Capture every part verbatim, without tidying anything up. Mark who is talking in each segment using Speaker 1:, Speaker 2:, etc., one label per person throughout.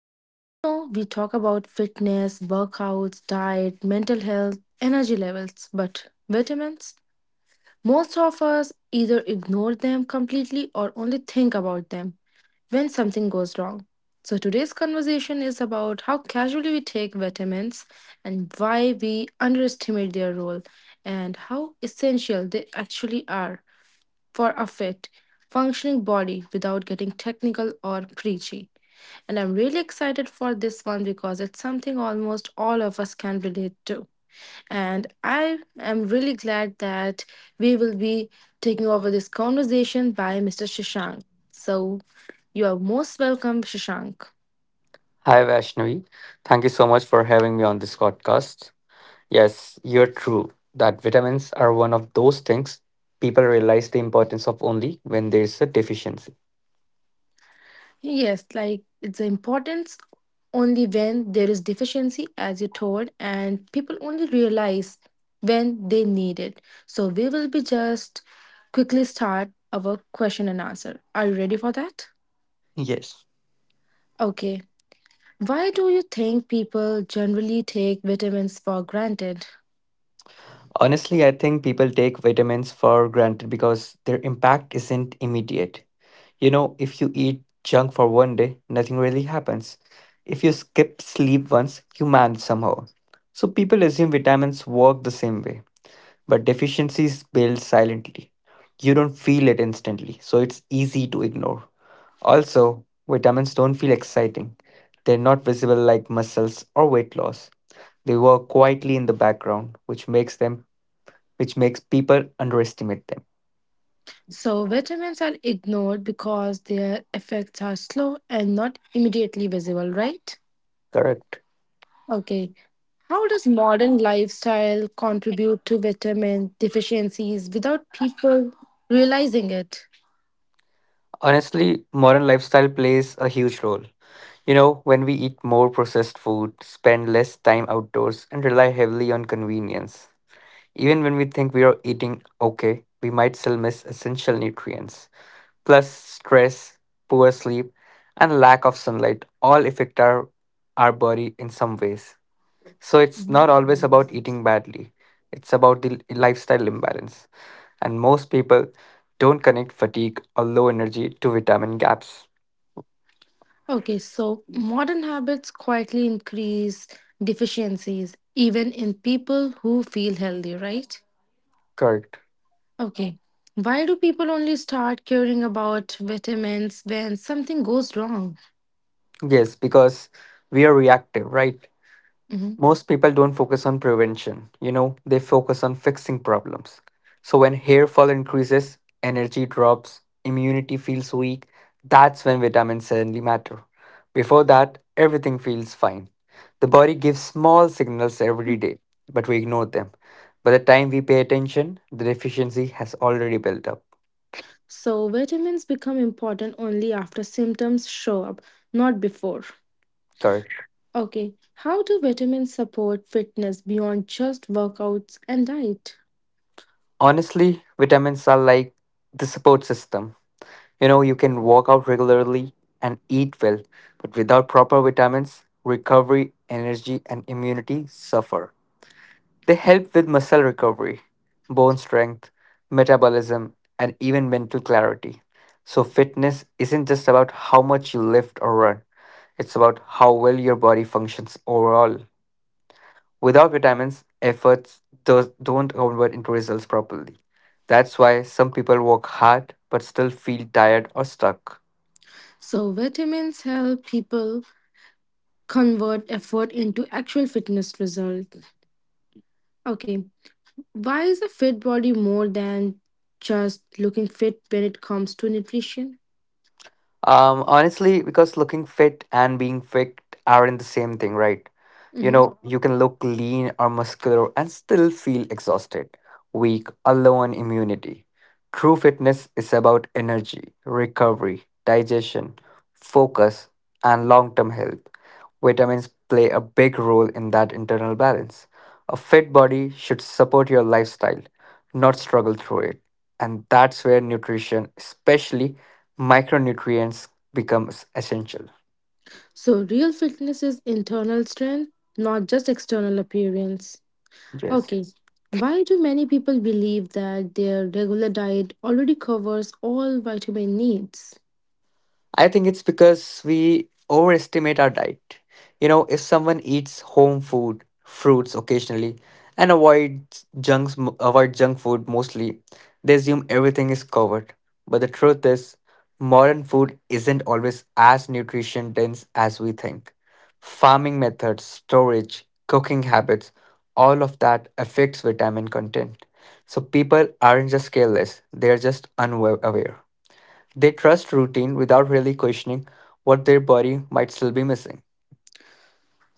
Speaker 1: So, you know, we talk about fitness, workouts, diet, mental health, energy levels, but vitamins? Most of us either ignore them completely or only think about them when something goes wrong. So, today's conversation is about how casually we take vitamins and why we underestimate their role and how essential they actually are for a fit, functioning body without getting technical or preachy. And I'm really excited for this one because it's something almost all of us can relate to. And I am really glad that we will be taking over this conversation by Mister Shashank. So you are most welcome, Shashank.
Speaker 2: Hi, Vaishnavi. Thank you so much for having me on this podcast. Yes, you're true that vitamins are one of those things people realize the importance of only when there's a deficiency.
Speaker 1: Yes, like it's the importance only when there is deficiency, as you told, and people only realize when they need it. So we will be just quickly start our question and answer. Are you ready for that?
Speaker 2: Yes.
Speaker 1: Okay. Why do you think people generally take vitamins for granted?
Speaker 2: Honestly, I think people take vitamins for granted because their impact isn't immediate. You know, if you eat junk for one day, nothing really happens. If you skip sleep once, you manage somehow. So people assume vitamins work the same way. But deficiencies build silently. You don't feel it instantly, so it's easy to ignore. Also, vitamins don't feel exciting. They're not visible like muscles or weight loss. They work quietly in the background, which makes them which makes people underestimate them.
Speaker 1: So, vitamins are ignored because their effects are slow and not immediately visible, right?
Speaker 2: Correct.
Speaker 1: Okay. How does modern lifestyle contribute to vitamin deficiencies without people realizing it?
Speaker 2: Honestly, modern lifestyle plays a huge role. You know, when we eat more processed food, spend less time outdoors, and rely heavily on convenience, even when we think we are eating okay, we might still miss essential nutrients. Plus, stress, poor sleep, and lack of sunlight all affect our, our body in some ways. So, it's
Speaker 1: Mhm.
Speaker 2: not always about eating badly, it's about the lifestyle imbalance. And most people don't connect fatigue or low energy to vitamin gaps.
Speaker 1: Okay, so modern habits quietly increase deficiencies even in people who feel healthy, right?
Speaker 2: Correct.
Speaker 1: Okay. Why do people only start caring about vitamins when something goes wrong?
Speaker 2: Yes, because we are reactive, right?
Speaker 1: Mhm.
Speaker 2: Most people don't focus on prevention, you know, they focus on fixing problems. So when hair fall increases, energy drops, immunity feels weak, that's when vitamins suddenly matter. Before that, everything feels fine. The body gives small signals every day, but we ignore them. By the time we pay attention, the deficiency has already built up.
Speaker 1: So, vitamins become important only after symptoms show up, not before.
Speaker 2: Correct.
Speaker 1: Okay, how do vitamins support fitness beyond just workouts and diet?
Speaker 2: Honestly, vitamins are like the support system. You know, you can work out regularly and eat well, but without proper vitamins, recovery, energy, and immunity suffer. They help with muscle recovery, bone strength, metabolism, and even mental clarity. So, fitness isn't just about how much you lift or run, it's about how well your body functions overall. Without vitamins, efforts does, don't convert into results properly. That's why some people work hard but still feel tired or stuck.
Speaker 1: So, vitamins help people convert effort into actual fitness result. Okay, why is a fit body more than just looking fit when it comes to nutrition?
Speaker 2: Um, honestly, because looking fit and being fit aren't the same thing, right? You
Speaker 1: Mhm.
Speaker 2: know, you can look lean or muscular and still feel exhausted, weak, or low on immunity. True fitness is about energy, recovery, digestion, focus, and long term health. Vitamins play a big role in that internal balance. A fit body should support your lifestyle, not struggle through it. And that's where nutrition, especially micronutrients, becomes essential.
Speaker 1: So, real fitness is internal strength, not just external appearance.
Speaker 2: Yes.
Speaker 1: Okay. Why do many people believe that their regular diet already covers all vitamin needs?
Speaker 2: I think it's because we overestimate our diet. You know, if someone eats home food, fruits occasionally, and avoids junks, avoid junk food mostly, they assume everything is covered. But the truth is, modern food isn't always as nutrition dense as we think. Farming methods, storage, cooking habits, all of that affects vitamin content. So people aren't just careless; they're just unaware. They trust routine without really questioning what their body might still be missing.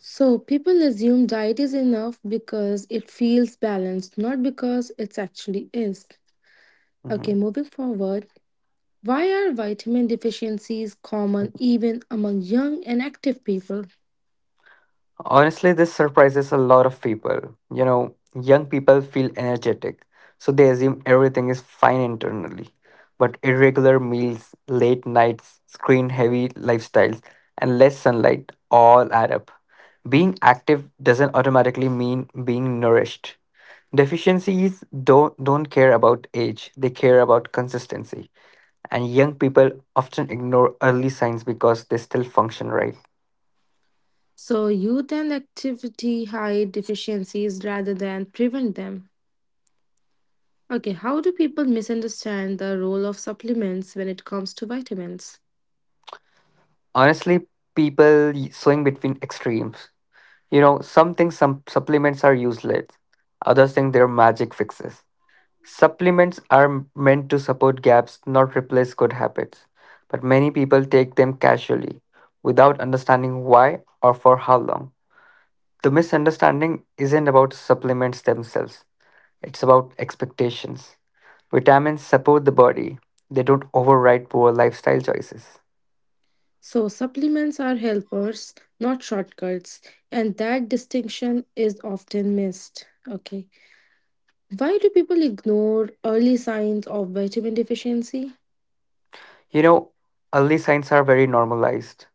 Speaker 1: So, people assume diet is enough because it feels balanced, not because it actually is. Okay,
Speaker 2: Mhm.
Speaker 1: moving forward, why are vitamin deficiencies common even among young and active people?
Speaker 2: Honestly, this surprises a lot of people. You know, young people feel energetic, so they assume everything is fine internally. But irregular meals, late nights, screen heavy lifestyles, and less sunlight all add up. Being active doesn't automatically mean being nourished. Deficiencies don't, don't care about age, they care about consistency. And young people often ignore early signs because they still function right.
Speaker 1: So, youth and activity hide deficiencies rather than prevent them. Okay, how do people misunderstand the role of supplements when it comes to vitamins?
Speaker 2: Honestly, people y- swing between extremes. You know, some think some supplements are useless, others think they're magic fixes. Supplements are m- meant to support gaps, not replace good habits. But many people take them casually, without understanding why or for how long. The misunderstanding isn't about supplements themselves, it's about expectations. Vitamins support the body, they don't override poor lifestyle choices.
Speaker 1: So, supplements are helpers, not shortcuts, and that distinction is often missed. Okay, why do people ignore early signs of vitamin deficiency?
Speaker 2: You know, early signs are very normalized: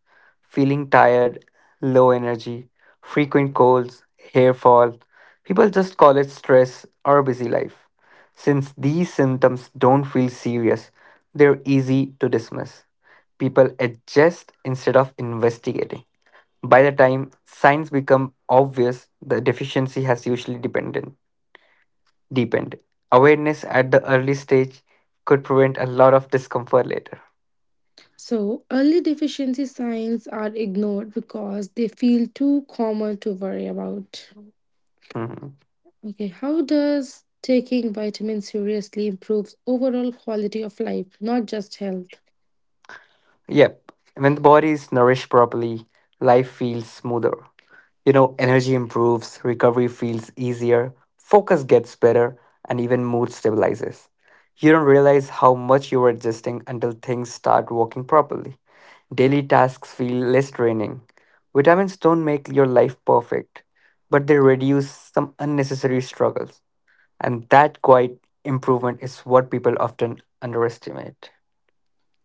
Speaker 2: feeling tired, low energy, frequent colds, hair fall. People just call it stress or busy life. Since these symptoms don't feel serious, they're easy to dismiss. People adjust instead of investigating. By the time signs become obvious, the deficiency has usually dependent, deepened. Awareness at the early stage could prevent a lot of discomfort later.
Speaker 1: So, early deficiency signs are ignored because they feel too common to worry about.
Speaker 2: Mhm.
Speaker 1: Okay, how does taking vitamins seriously improves overall quality of life, not just health?
Speaker 2: Yep, when the body is nourished properly, life feels smoother. You know, energy improves, recovery feels easier, focus gets better, and even mood stabilizes. You don't realize how much you are adjusting until things start working properly. Daily tasks feel less draining. Vitamins don't make your life perfect, but they reduce some unnecessary struggles. And that quiet improvement is what people often underestimate.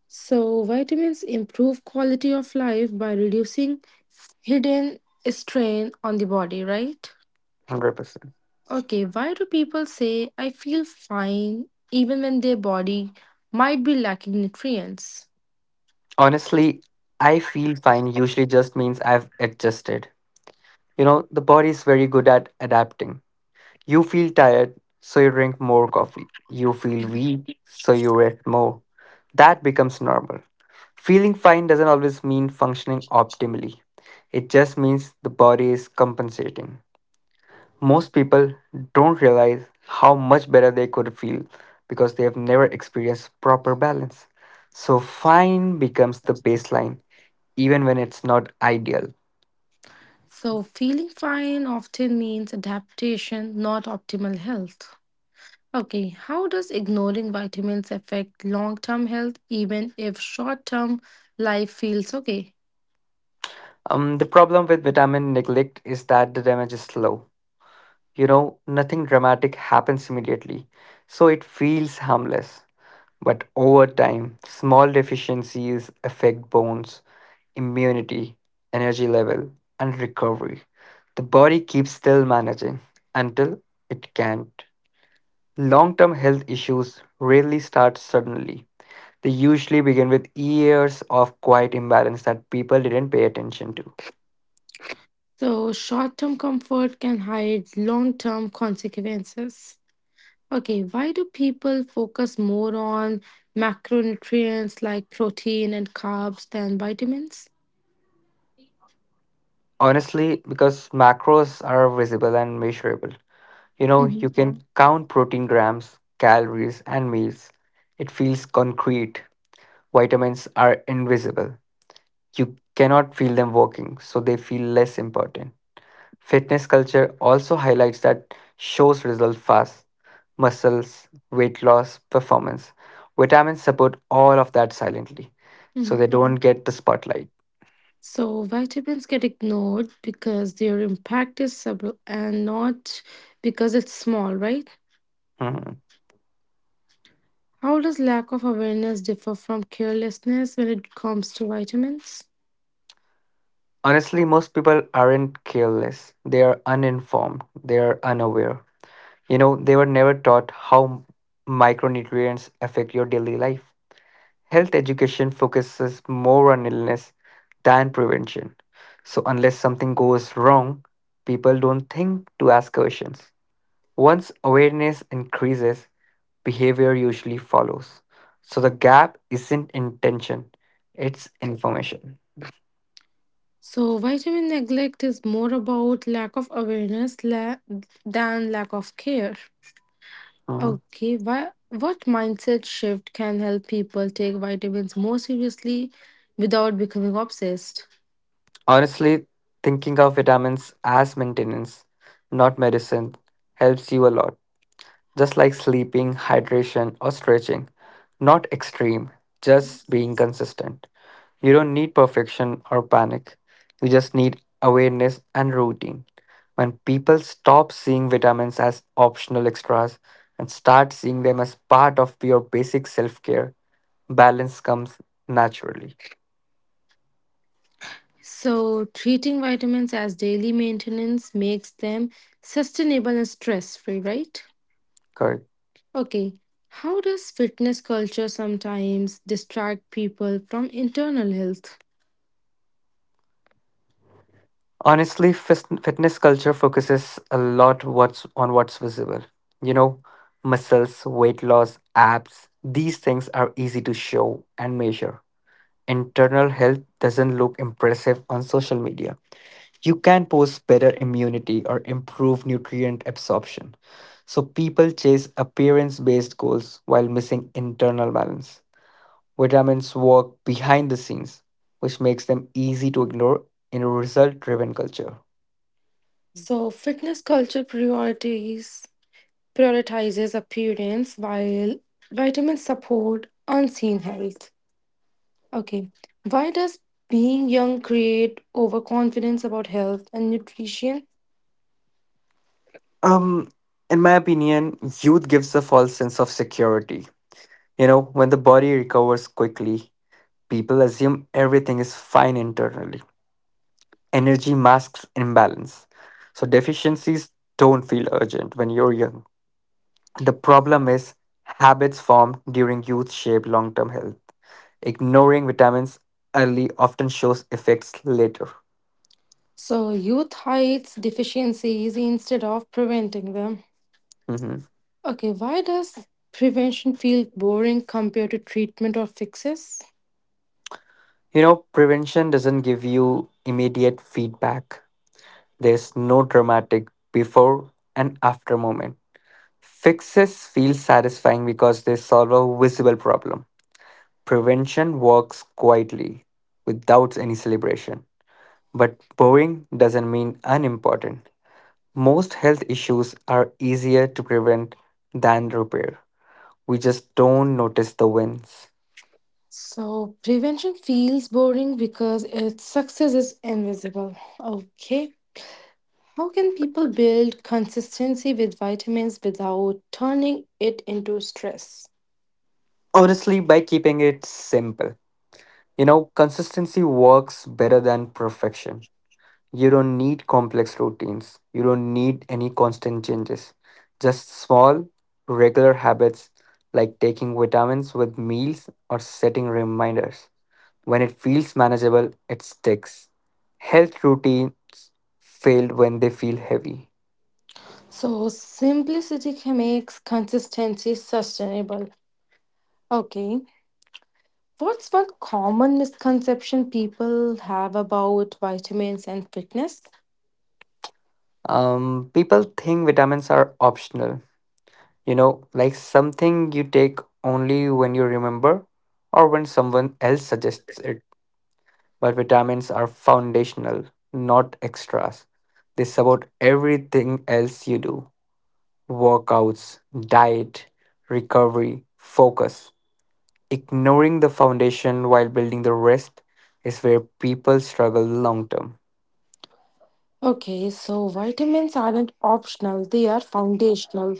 Speaker 1: So, vitamins improve quality of life by reducing hidden strain on the body, right?
Speaker 2: one hundred percent.
Speaker 1: Okay, why do people say I feel fine even when their body might be lacking nutrients?
Speaker 2: Honestly, I feel fine usually just means I've adjusted. You know, the body is very good at adapting. You feel tired, so you drink more coffee. You feel weak, so you rest more. That becomes normal. Feeling fine doesn't always mean functioning optimally, it just means the body is compensating. Most people don't realize how much better they could feel because they have never experienced proper balance. So, fine becomes the baseline even when it's not ideal.
Speaker 1: So, feeling fine often means adaptation, not optimal health. Okay, how does ignoring vitamins affect long term health even if short term life feels okay?
Speaker 2: Um, the problem with vitamin neglect is that the damage is slow. You know, nothing dramatic happens immediately, so it feels harmless. But over time, small deficiencies affect bones, immunity, energy level, and recovery. The body keeps still managing until it can't. Long term health issues rarely start suddenly. They usually begin with years of quiet imbalance that people didn't pay attention to.
Speaker 1: So, short term comfort can hide long term consequences. Okay, why do people focus more on macronutrients like protein and carbs than vitamins?
Speaker 2: Honestly, because macros are visible and measurable. You know,
Speaker 1: hmm
Speaker 2: you can Mhm. count protein grams, calories, and meals. It feels concrete. Vitamins are invisible. You cannot feel them working, so they feel less important. Fitness culture also highlights that shows results fast: muscles, weight loss, performance. Vitamins support all of that silently, so
Speaker 1: hmm
Speaker 2: they Mhm. don't get the spotlight.
Speaker 1: So, vitamins get ignored because their impact is subtle and not because it's small, right?
Speaker 2: Mm-hmm.
Speaker 1: How does lack of awareness differ from carelessness when it comes to vitamins?
Speaker 2: Honestly, most people aren't careless. They are uninformed. They are unaware. You know, they were never taught how micronutrients affect your daily life. Health education focuses more on illness than prevention. So, unless something goes wrong, people don't think to ask questions. Once awareness increases, behavior usually follows. So, the gap isn't intention, it's information.
Speaker 1: So, vitamin neglect is more about lack of awareness la- than lack of care. Okay, why, what mindset shift can help people take vitamins more seriously without becoming obsessed?
Speaker 2: Honestly, thinking of vitamins as maintenance, not medicine, helps you a lot. Just like sleeping, hydration, or stretching. Not extreme, just being consistent. You don't need perfection or panic. You just need awareness and routine. When people stop seeing vitamins as optional extras and start seeing them as part of your basic self care, balance comes naturally.
Speaker 1: So, treating vitamins as daily maintenance makes them sustainable and stress free, right?
Speaker 2: Correct.
Speaker 1: Okay, how does fitness culture sometimes distract people from internal health?
Speaker 2: Honestly, fis- fitness culture focuses a lot what's on what's visible. You know, muscles, weight loss, abs, these things are easy to show and measure. Internal health doesn't look impressive on social media. You can post better immunity or improve nutrient absorption. So people chase appearance-based goals while missing internal balance. Vitamins work behind the scenes, which makes them easy to ignore in a result-driven culture.
Speaker 1: So, fitness culture priorities prioritizes appearance while vitamins support unseen health. Okay. Why does being young create overconfidence about health and nutrition?
Speaker 2: Um, in my opinion, youth gives a false sense of security. You know, when the body recovers quickly, people assume everything is fine internally. Energy masks imbalance. So deficiencies don't feel urgent when you're young. The problem is, habits formed during youth shape long term health. Ignoring vitamins early often shows effects later.
Speaker 1: So, youth hides deficiencies instead of preventing them.
Speaker 2: Mhm.
Speaker 1: Okay. Why does prevention feel boring compared to treatment or fixes?
Speaker 2: You know, prevention doesn't give you immediate feedback. There's no dramatic before and after moment. Fixes feel satisfying because they solve a visible problem. Prevention works quietly without any celebration. But boring doesn't mean unimportant. Most health issues are easier to prevent than repair. We just don't notice the wins.
Speaker 1: So, prevention feels boring because its success is invisible. Okay. How can people build consistency with vitamins without turning it into stress?
Speaker 2: Honestly, by keeping it simple, you know, consistency works better than perfection. You don't need complex routines. You don't need any constant changes. Just small, regular habits like taking vitamins with meals or setting reminders. When it feels manageable, it sticks. Health routines fail when they feel heavy.
Speaker 1: So simplicity can makes consistency sustainable. Okay. What's one common misconception people have about vitamins and fitness?
Speaker 2: Um, people think vitamins are optional, you know, like something you take only when you remember or when someone else suggests it, but vitamins are foundational, not extras. They support everything else you do: workouts, diet, recovery, focus. Ignoring the foundation while building the rest is where people struggle long term.
Speaker 1: Okay, so vitamins aren't optional, they are foundational.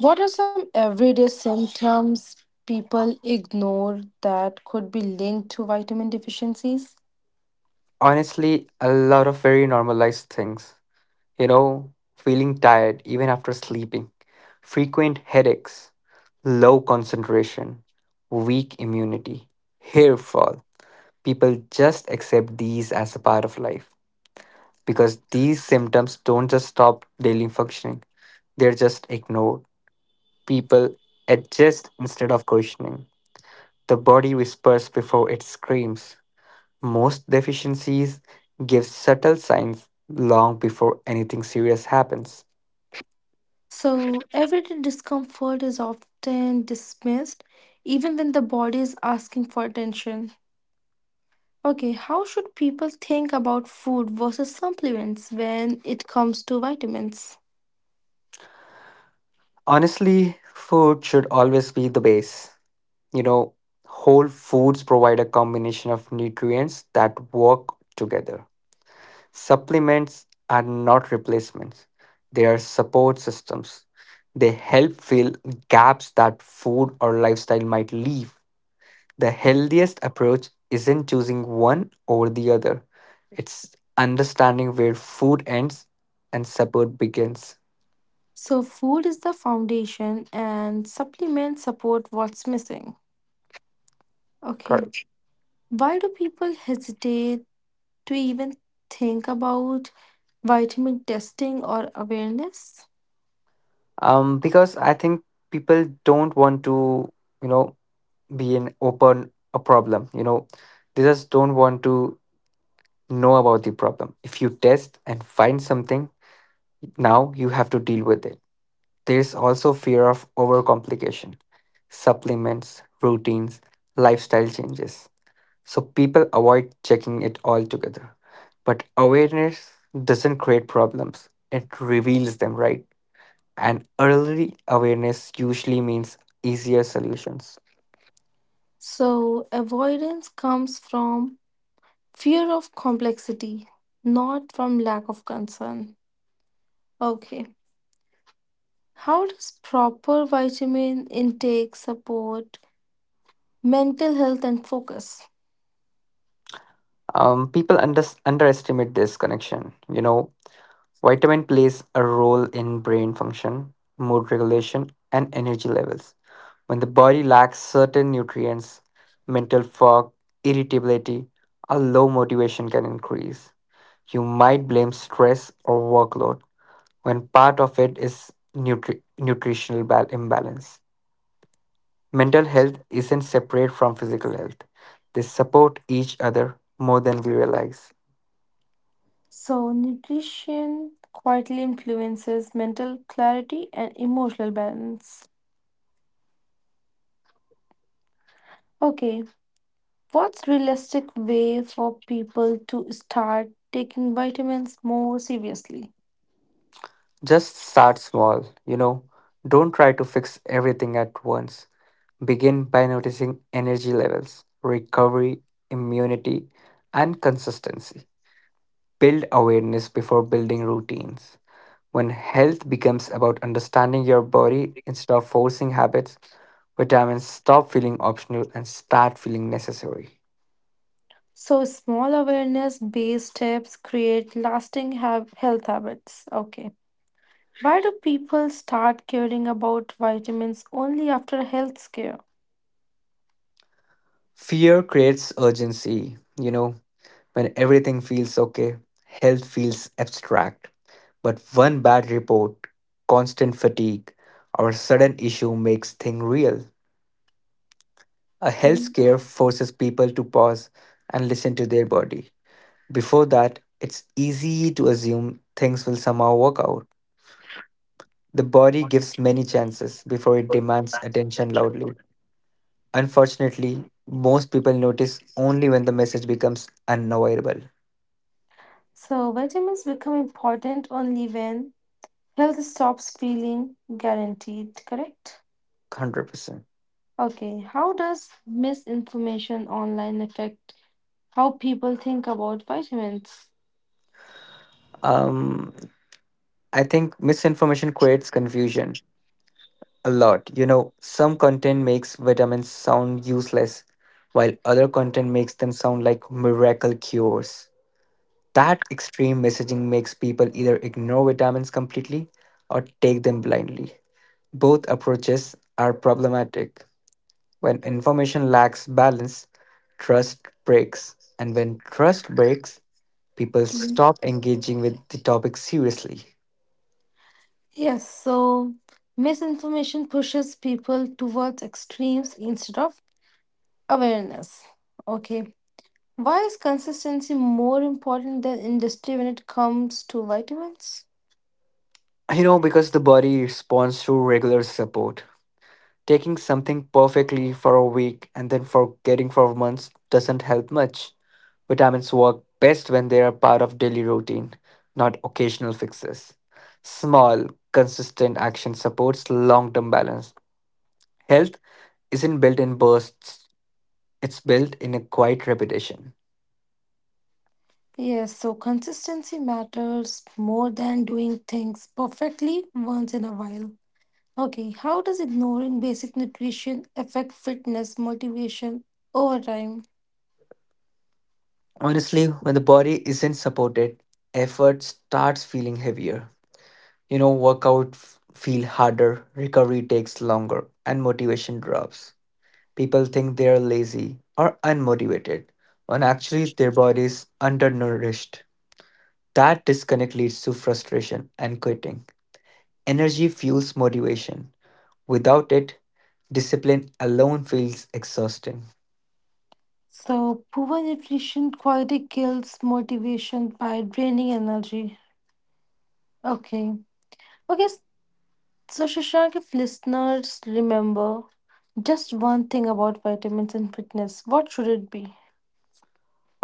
Speaker 1: What are some everyday symptoms people ignore that could be linked to vitamin deficiencies?
Speaker 2: Honestly, a lot of very normalized things. You know, feeling tired even after sleeping, frequent headaches, low concentration, weak immunity, hair fall, people just accept these as a part of life because these symptoms don't just stop daily functioning, they're just ignored. People adjust instead of questioning. The body whispers before it screams. Most deficiencies give subtle signs long before anything serious happens.
Speaker 1: So, everyday discomfort is often dismissed even when the body is asking for attention. Okay, how should people think about food versus supplements when it comes to vitamins?
Speaker 2: Honestly, food should always be the base. You know, whole foods provide a combination of nutrients that work together. Supplements are not replacements, they are support systems. They help fill gaps that food or lifestyle might leave. The healthiest approach isn't choosing one over the other, it's understanding where food ends and support begins.
Speaker 1: So, food is the foundation and supplements support what's missing. Okay,
Speaker 2: Correct.
Speaker 1: why do people hesitate to even think about vitamin testing or awareness?
Speaker 2: Um, because I think people don't want to, you know, be an open a problem. You know, they just don't want to know about the problem. If you test and find something, now you have to deal with it. There's also fear of overcomplication, supplements, routines, lifestyle changes. So people avoid checking it all together. But awareness doesn't create problems, it reveals them, right? And early awareness usually means easier solutions.
Speaker 1: So, avoidance comes from fear of complexity, not from lack of concern. Okay. How does proper vitamin intake support mental health and focus?
Speaker 2: Um, people under- underestimate this connection. You know, vitamin plays a role in brain function, mood regulation, and energy levels. When the body lacks certain nutrients, mental fog, irritability, or low motivation can increase. You might blame stress or workload when part of it is nutri- nutritional bal- imbalance. Mental health isn't separate from physical health, they support each other more than we realize.
Speaker 1: So, nutrition quietly influences mental clarity and emotional balance. Okay, what's realistic way for people to start taking vitamins more seriously?
Speaker 2: Just start small, you know, don't try to fix everything at once. Begin by noticing energy levels, recovery, immunity, and consistency. Build awareness before building routines. When health becomes about understanding your body instead of forcing habits, vitamins stop feeling optional and start feeling necessary.
Speaker 1: So, small awareness based steps create lasting hab- health habits. Okay. Why do people start caring about vitamins only after health scare?
Speaker 2: Fear creates urgency. You know, when everything feels okay, health feels abstract. But one bad report, constant fatigue, or sudden issue makes things real. A health scare forces people to pause and listen to their body. Before that, it's easy to assume things will somehow work out. The body gives many chances before it demands attention loudly. Unfortunately, most people notice only when the message becomes unavoidable.
Speaker 1: So, vitamins become important only when health stops feeling guaranteed, correct?
Speaker 2: one hundred percent.
Speaker 1: Okay, how does misinformation online affect how people think about vitamins?
Speaker 2: Um, I think misinformation creates confusion a lot. You know, some content makes vitamins sound useless, while other content makes them sound like miracle cures. That extreme messaging makes people either ignore vitamins completely or take them blindly. Both approaches are problematic. When information lacks balance, trust breaks. And when trust breaks, people
Speaker 1: Mhm.
Speaker 2: stop engaging with the topic seriously.
Speaker 1: Yes, so misinformation pushes people towards extremes instead of awareness. Okay, why is consistency more important than industry when it comes to vitamins?
Speaker 2: You know, because the body responds to regular support. Taking something perfectly for a week and then forgetting for months doesn't help much. Vitamins work best when they are part of daily routine, not occasional fixes. Small, consistent action supports long term balance. Health isn't built in bursts, it's built in a quiet repetition.
Speaker 1: Yes, so consistency matters more than doing things perfectly once in a while. Okay, how does ignoring basic nutrition affect fitness motivation over time?
Speaker 2: Honestly, when the body isn't supported, effort starts feeling heavier. You know, workout f- feel harder, recovery takes longer, and motivation drops. People think they are lazy or unmotivated, when actually their body is undernourished. That disconnect leads to frustration and quitting. Energy fuels motivation. Without it, discipline alone feels exhausting.
Speaker 1: So, poor nutrition quality kills motivation by draining energy. Okay, okay, s- so Shashank, if listeners remember just one thing about vitamins and fitness, what should it be?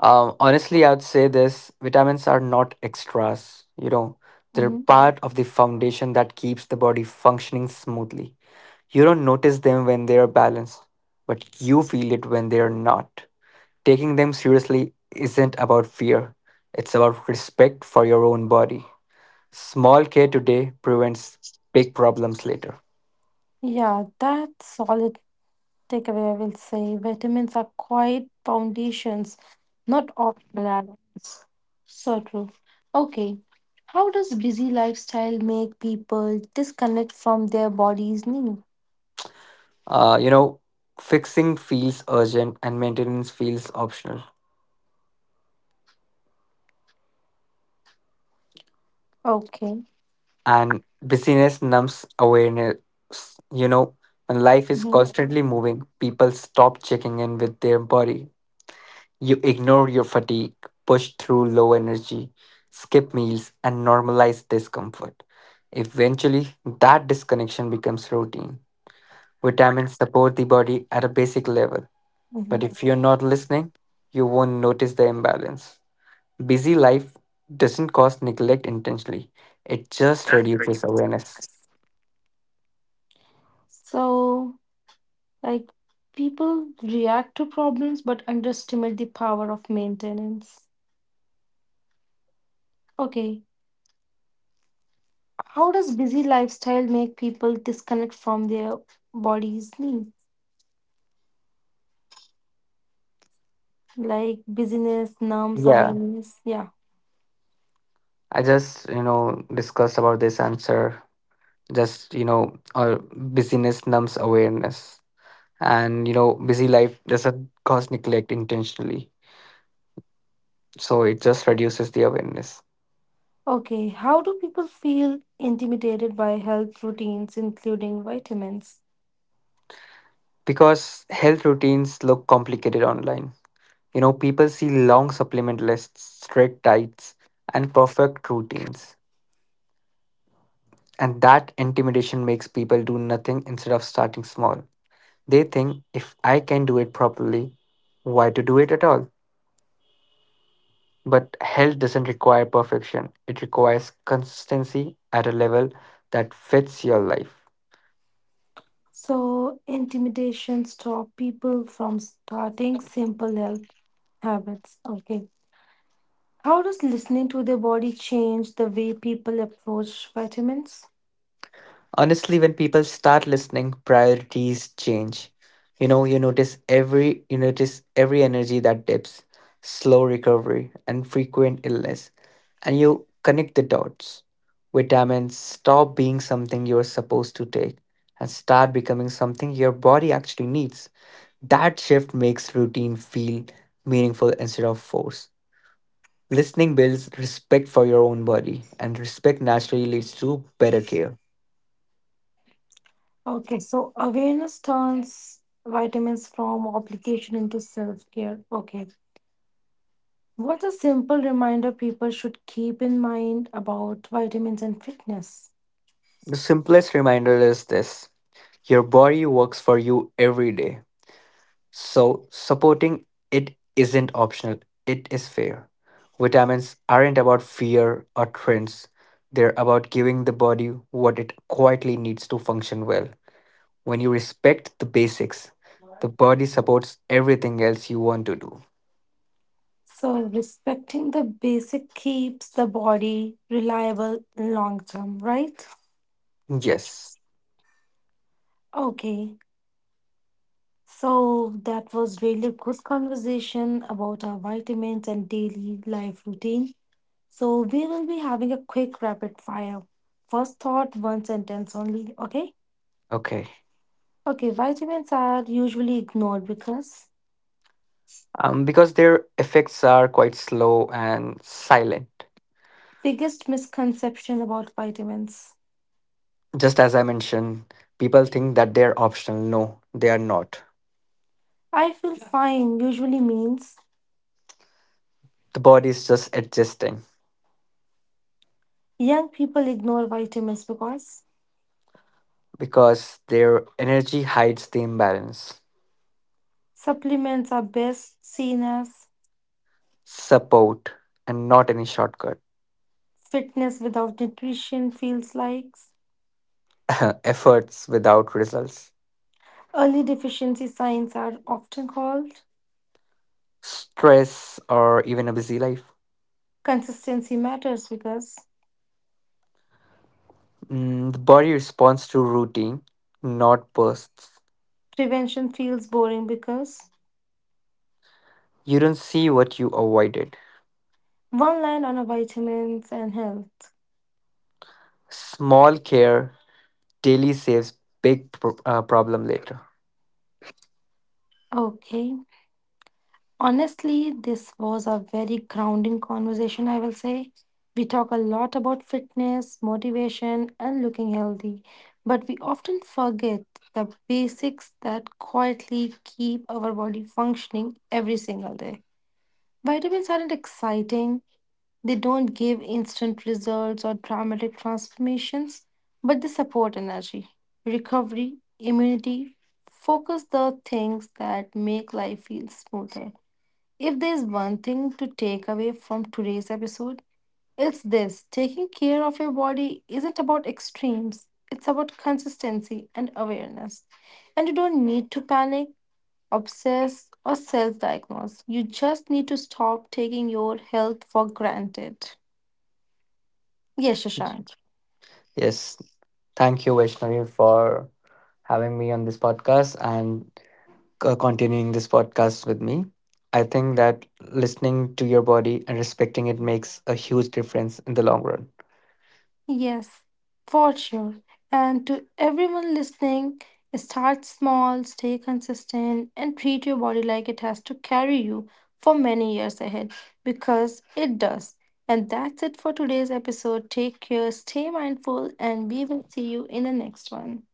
Speaker 2: Um, honestly, I'd say this vitamins are not extras. You know, they're
Speaker 1: Mm-hmm.
Speaker 2: part of the foundation that keeps the body functioning smoothly. You don't notice them when they are balanced, but you feel it when they are not. Taking them seriously isn't about fear, it's about respect for your own body. Small care today prevents big problems later.
Speaker 1: Yeah, that's solid takeaway, I will say vitamins are quite foundations, not optional add-ons. So true. Okay, how does busy lifestyle make people disconnect from their body's need?
Speaker 2: Uh, you know, fixing feels urgent and maintenance feels optional.
Speaker 1: Okay.
Speaker 2: And busyness numbs awareness. You know, when life is
Speaker 1: Mm-hmm.
Speaker 2: constantly moving, people stop checking in with their body. You ignore your fatigue, push through low energy, skip meals, and normalize discomfort. Eventually, that disconnection becomes routine. Vitamins support the body at a basic level,
Speaker 1: hmm
Speaker 2: but if you're not listening, you won't notice the imbalance. Busy life doesn't cause neglect intentionally, it just reduces awareness.
Speaker 1: So, like, people react to problems but underestimate the power of maintenance. Okay, how does busy lifestyle make people disconnect from their body's needs? like busyness, norms,
Speaker 2: Yeah,
Speaker 1: awareness. Yeah.
Speaker 2: I just, you know, discussed about this answer. Just, you know, uh, busyness numbs awareness. And you know busy life doesn't cause neglect intentionally, so it just reduces the awareness
Speaker 1: Okay. How do people feel intimidated by health routines, including vitamins?
Speaker 2: because health routines look complicated online. You know people see long supplement lists, strict diets, and perfect routines, and that intimidation makes people do nothing instead of starting small. They think if I can do it properly, why to do it at all? But health doesn't require perfection, it requires consistency at a level that fits your life.
Speaker 1: So, intimidation stop people from starting simple health habits. Okay. How does listening to their body change the way people approach vitamins?
Speaker 2: Honestly, when people start listening, priorities change. You know, you notice every you notice every energy that dips, slow recovery, and frequent illness, and you connect the dots. Vitamins stop being something you're supposed to take and start becoming something your body actually needs. That shift makes routine feel meaningful instead of force. Listening builds respect for your own body, and respect naturally leads to better care.
Speaker 1: Okay. So, awareness turns vitamins from obligation into self care. Okay. What a simple reminder people should keep in mind about vitamins and fitness.
Speaker 2: The simplest reminder is this: your body works for you every day. So, supporting it isn't optional, it is fair. Vitamins aren't about fear or trends, they're about giving the body what it quietly needs to function well. When you respect the basics, the body supports everything else you want to do.
Speaker 1: So, respecting the basic keeps the body reliable long term, right?
Speaker 2: Yes,
Speaker 1: Okay, so that was really good conversation about our vitamins and daily life routine. So, we will be having a quick rapid fire. First thought, one sentence only, okay?
Speaker 2: okay.
Speaker 1: Okay, vitamins are usually ignored because
Speaker 2: Um, because their effects are quite slow and silent.
Speaker 1: biggest misconception about vitamins
Speaker 2: Just as I mentioned, people think that they're optional. No, they are not.
Speaker 1: I feel fine usually means
Speaker 2: The body is just adjusting
Speaker 1: young people ignore vitamins because
Speaker 2: because their energy hides the imbalance.
Speaker 1: supplements are best seen as
Speaker 2: Support and not any shortcut.
Speaker 1: fitness without nutrition feels like.
Speaker 2: Efforts without results.
Speaker 1: Early deficiency signs are often called.
Speaker 2: Stress or even a busy life.
Speaker 1: Consistency matters because
Speaker 2: Mm, the body responds to routine, not bursts.
Speaker 1: prevention feels boring because
Speaker 2: You don't see what you avoided.
Speaker 1: one line on a vitamins and health.
Speaker 2: Small care daily saves big pro- uh, problem later.
Speaker 1: Okay. Honestly, this was a very grounding conversation, I will say. We talk a lot about fitness, motivation, and looking healthy, but we often forget the basics that quietly keep our body functioning every single day. Vitamins aren't exciting, they don't give instant results or dramatic transformations, but they support energy, recovery, immunity, focus the things that make life feel smoother. If there's one thing to take away from today's episode, it's this taking care of your body isn't about extremes, it's about consistency and awareness. And you don't need to panic, obsess, or self diagnose. You just need to stop taking your health for granted. Yes, Shashank.
Speaker 2: Yes, thank you, Vaishnavi, for having me on this podcast and c- continuing this podcast with me. I think that listening to your body and respecting it makes a huge difference in the long run.
Speaker 1: Yes, for sure. And to everyone listening, start small, stay consistent, and treat your body like it has to carry you for many years ahead because it does. And that's it for today's episode. Take care, stay mindful, and we will see you in the next one.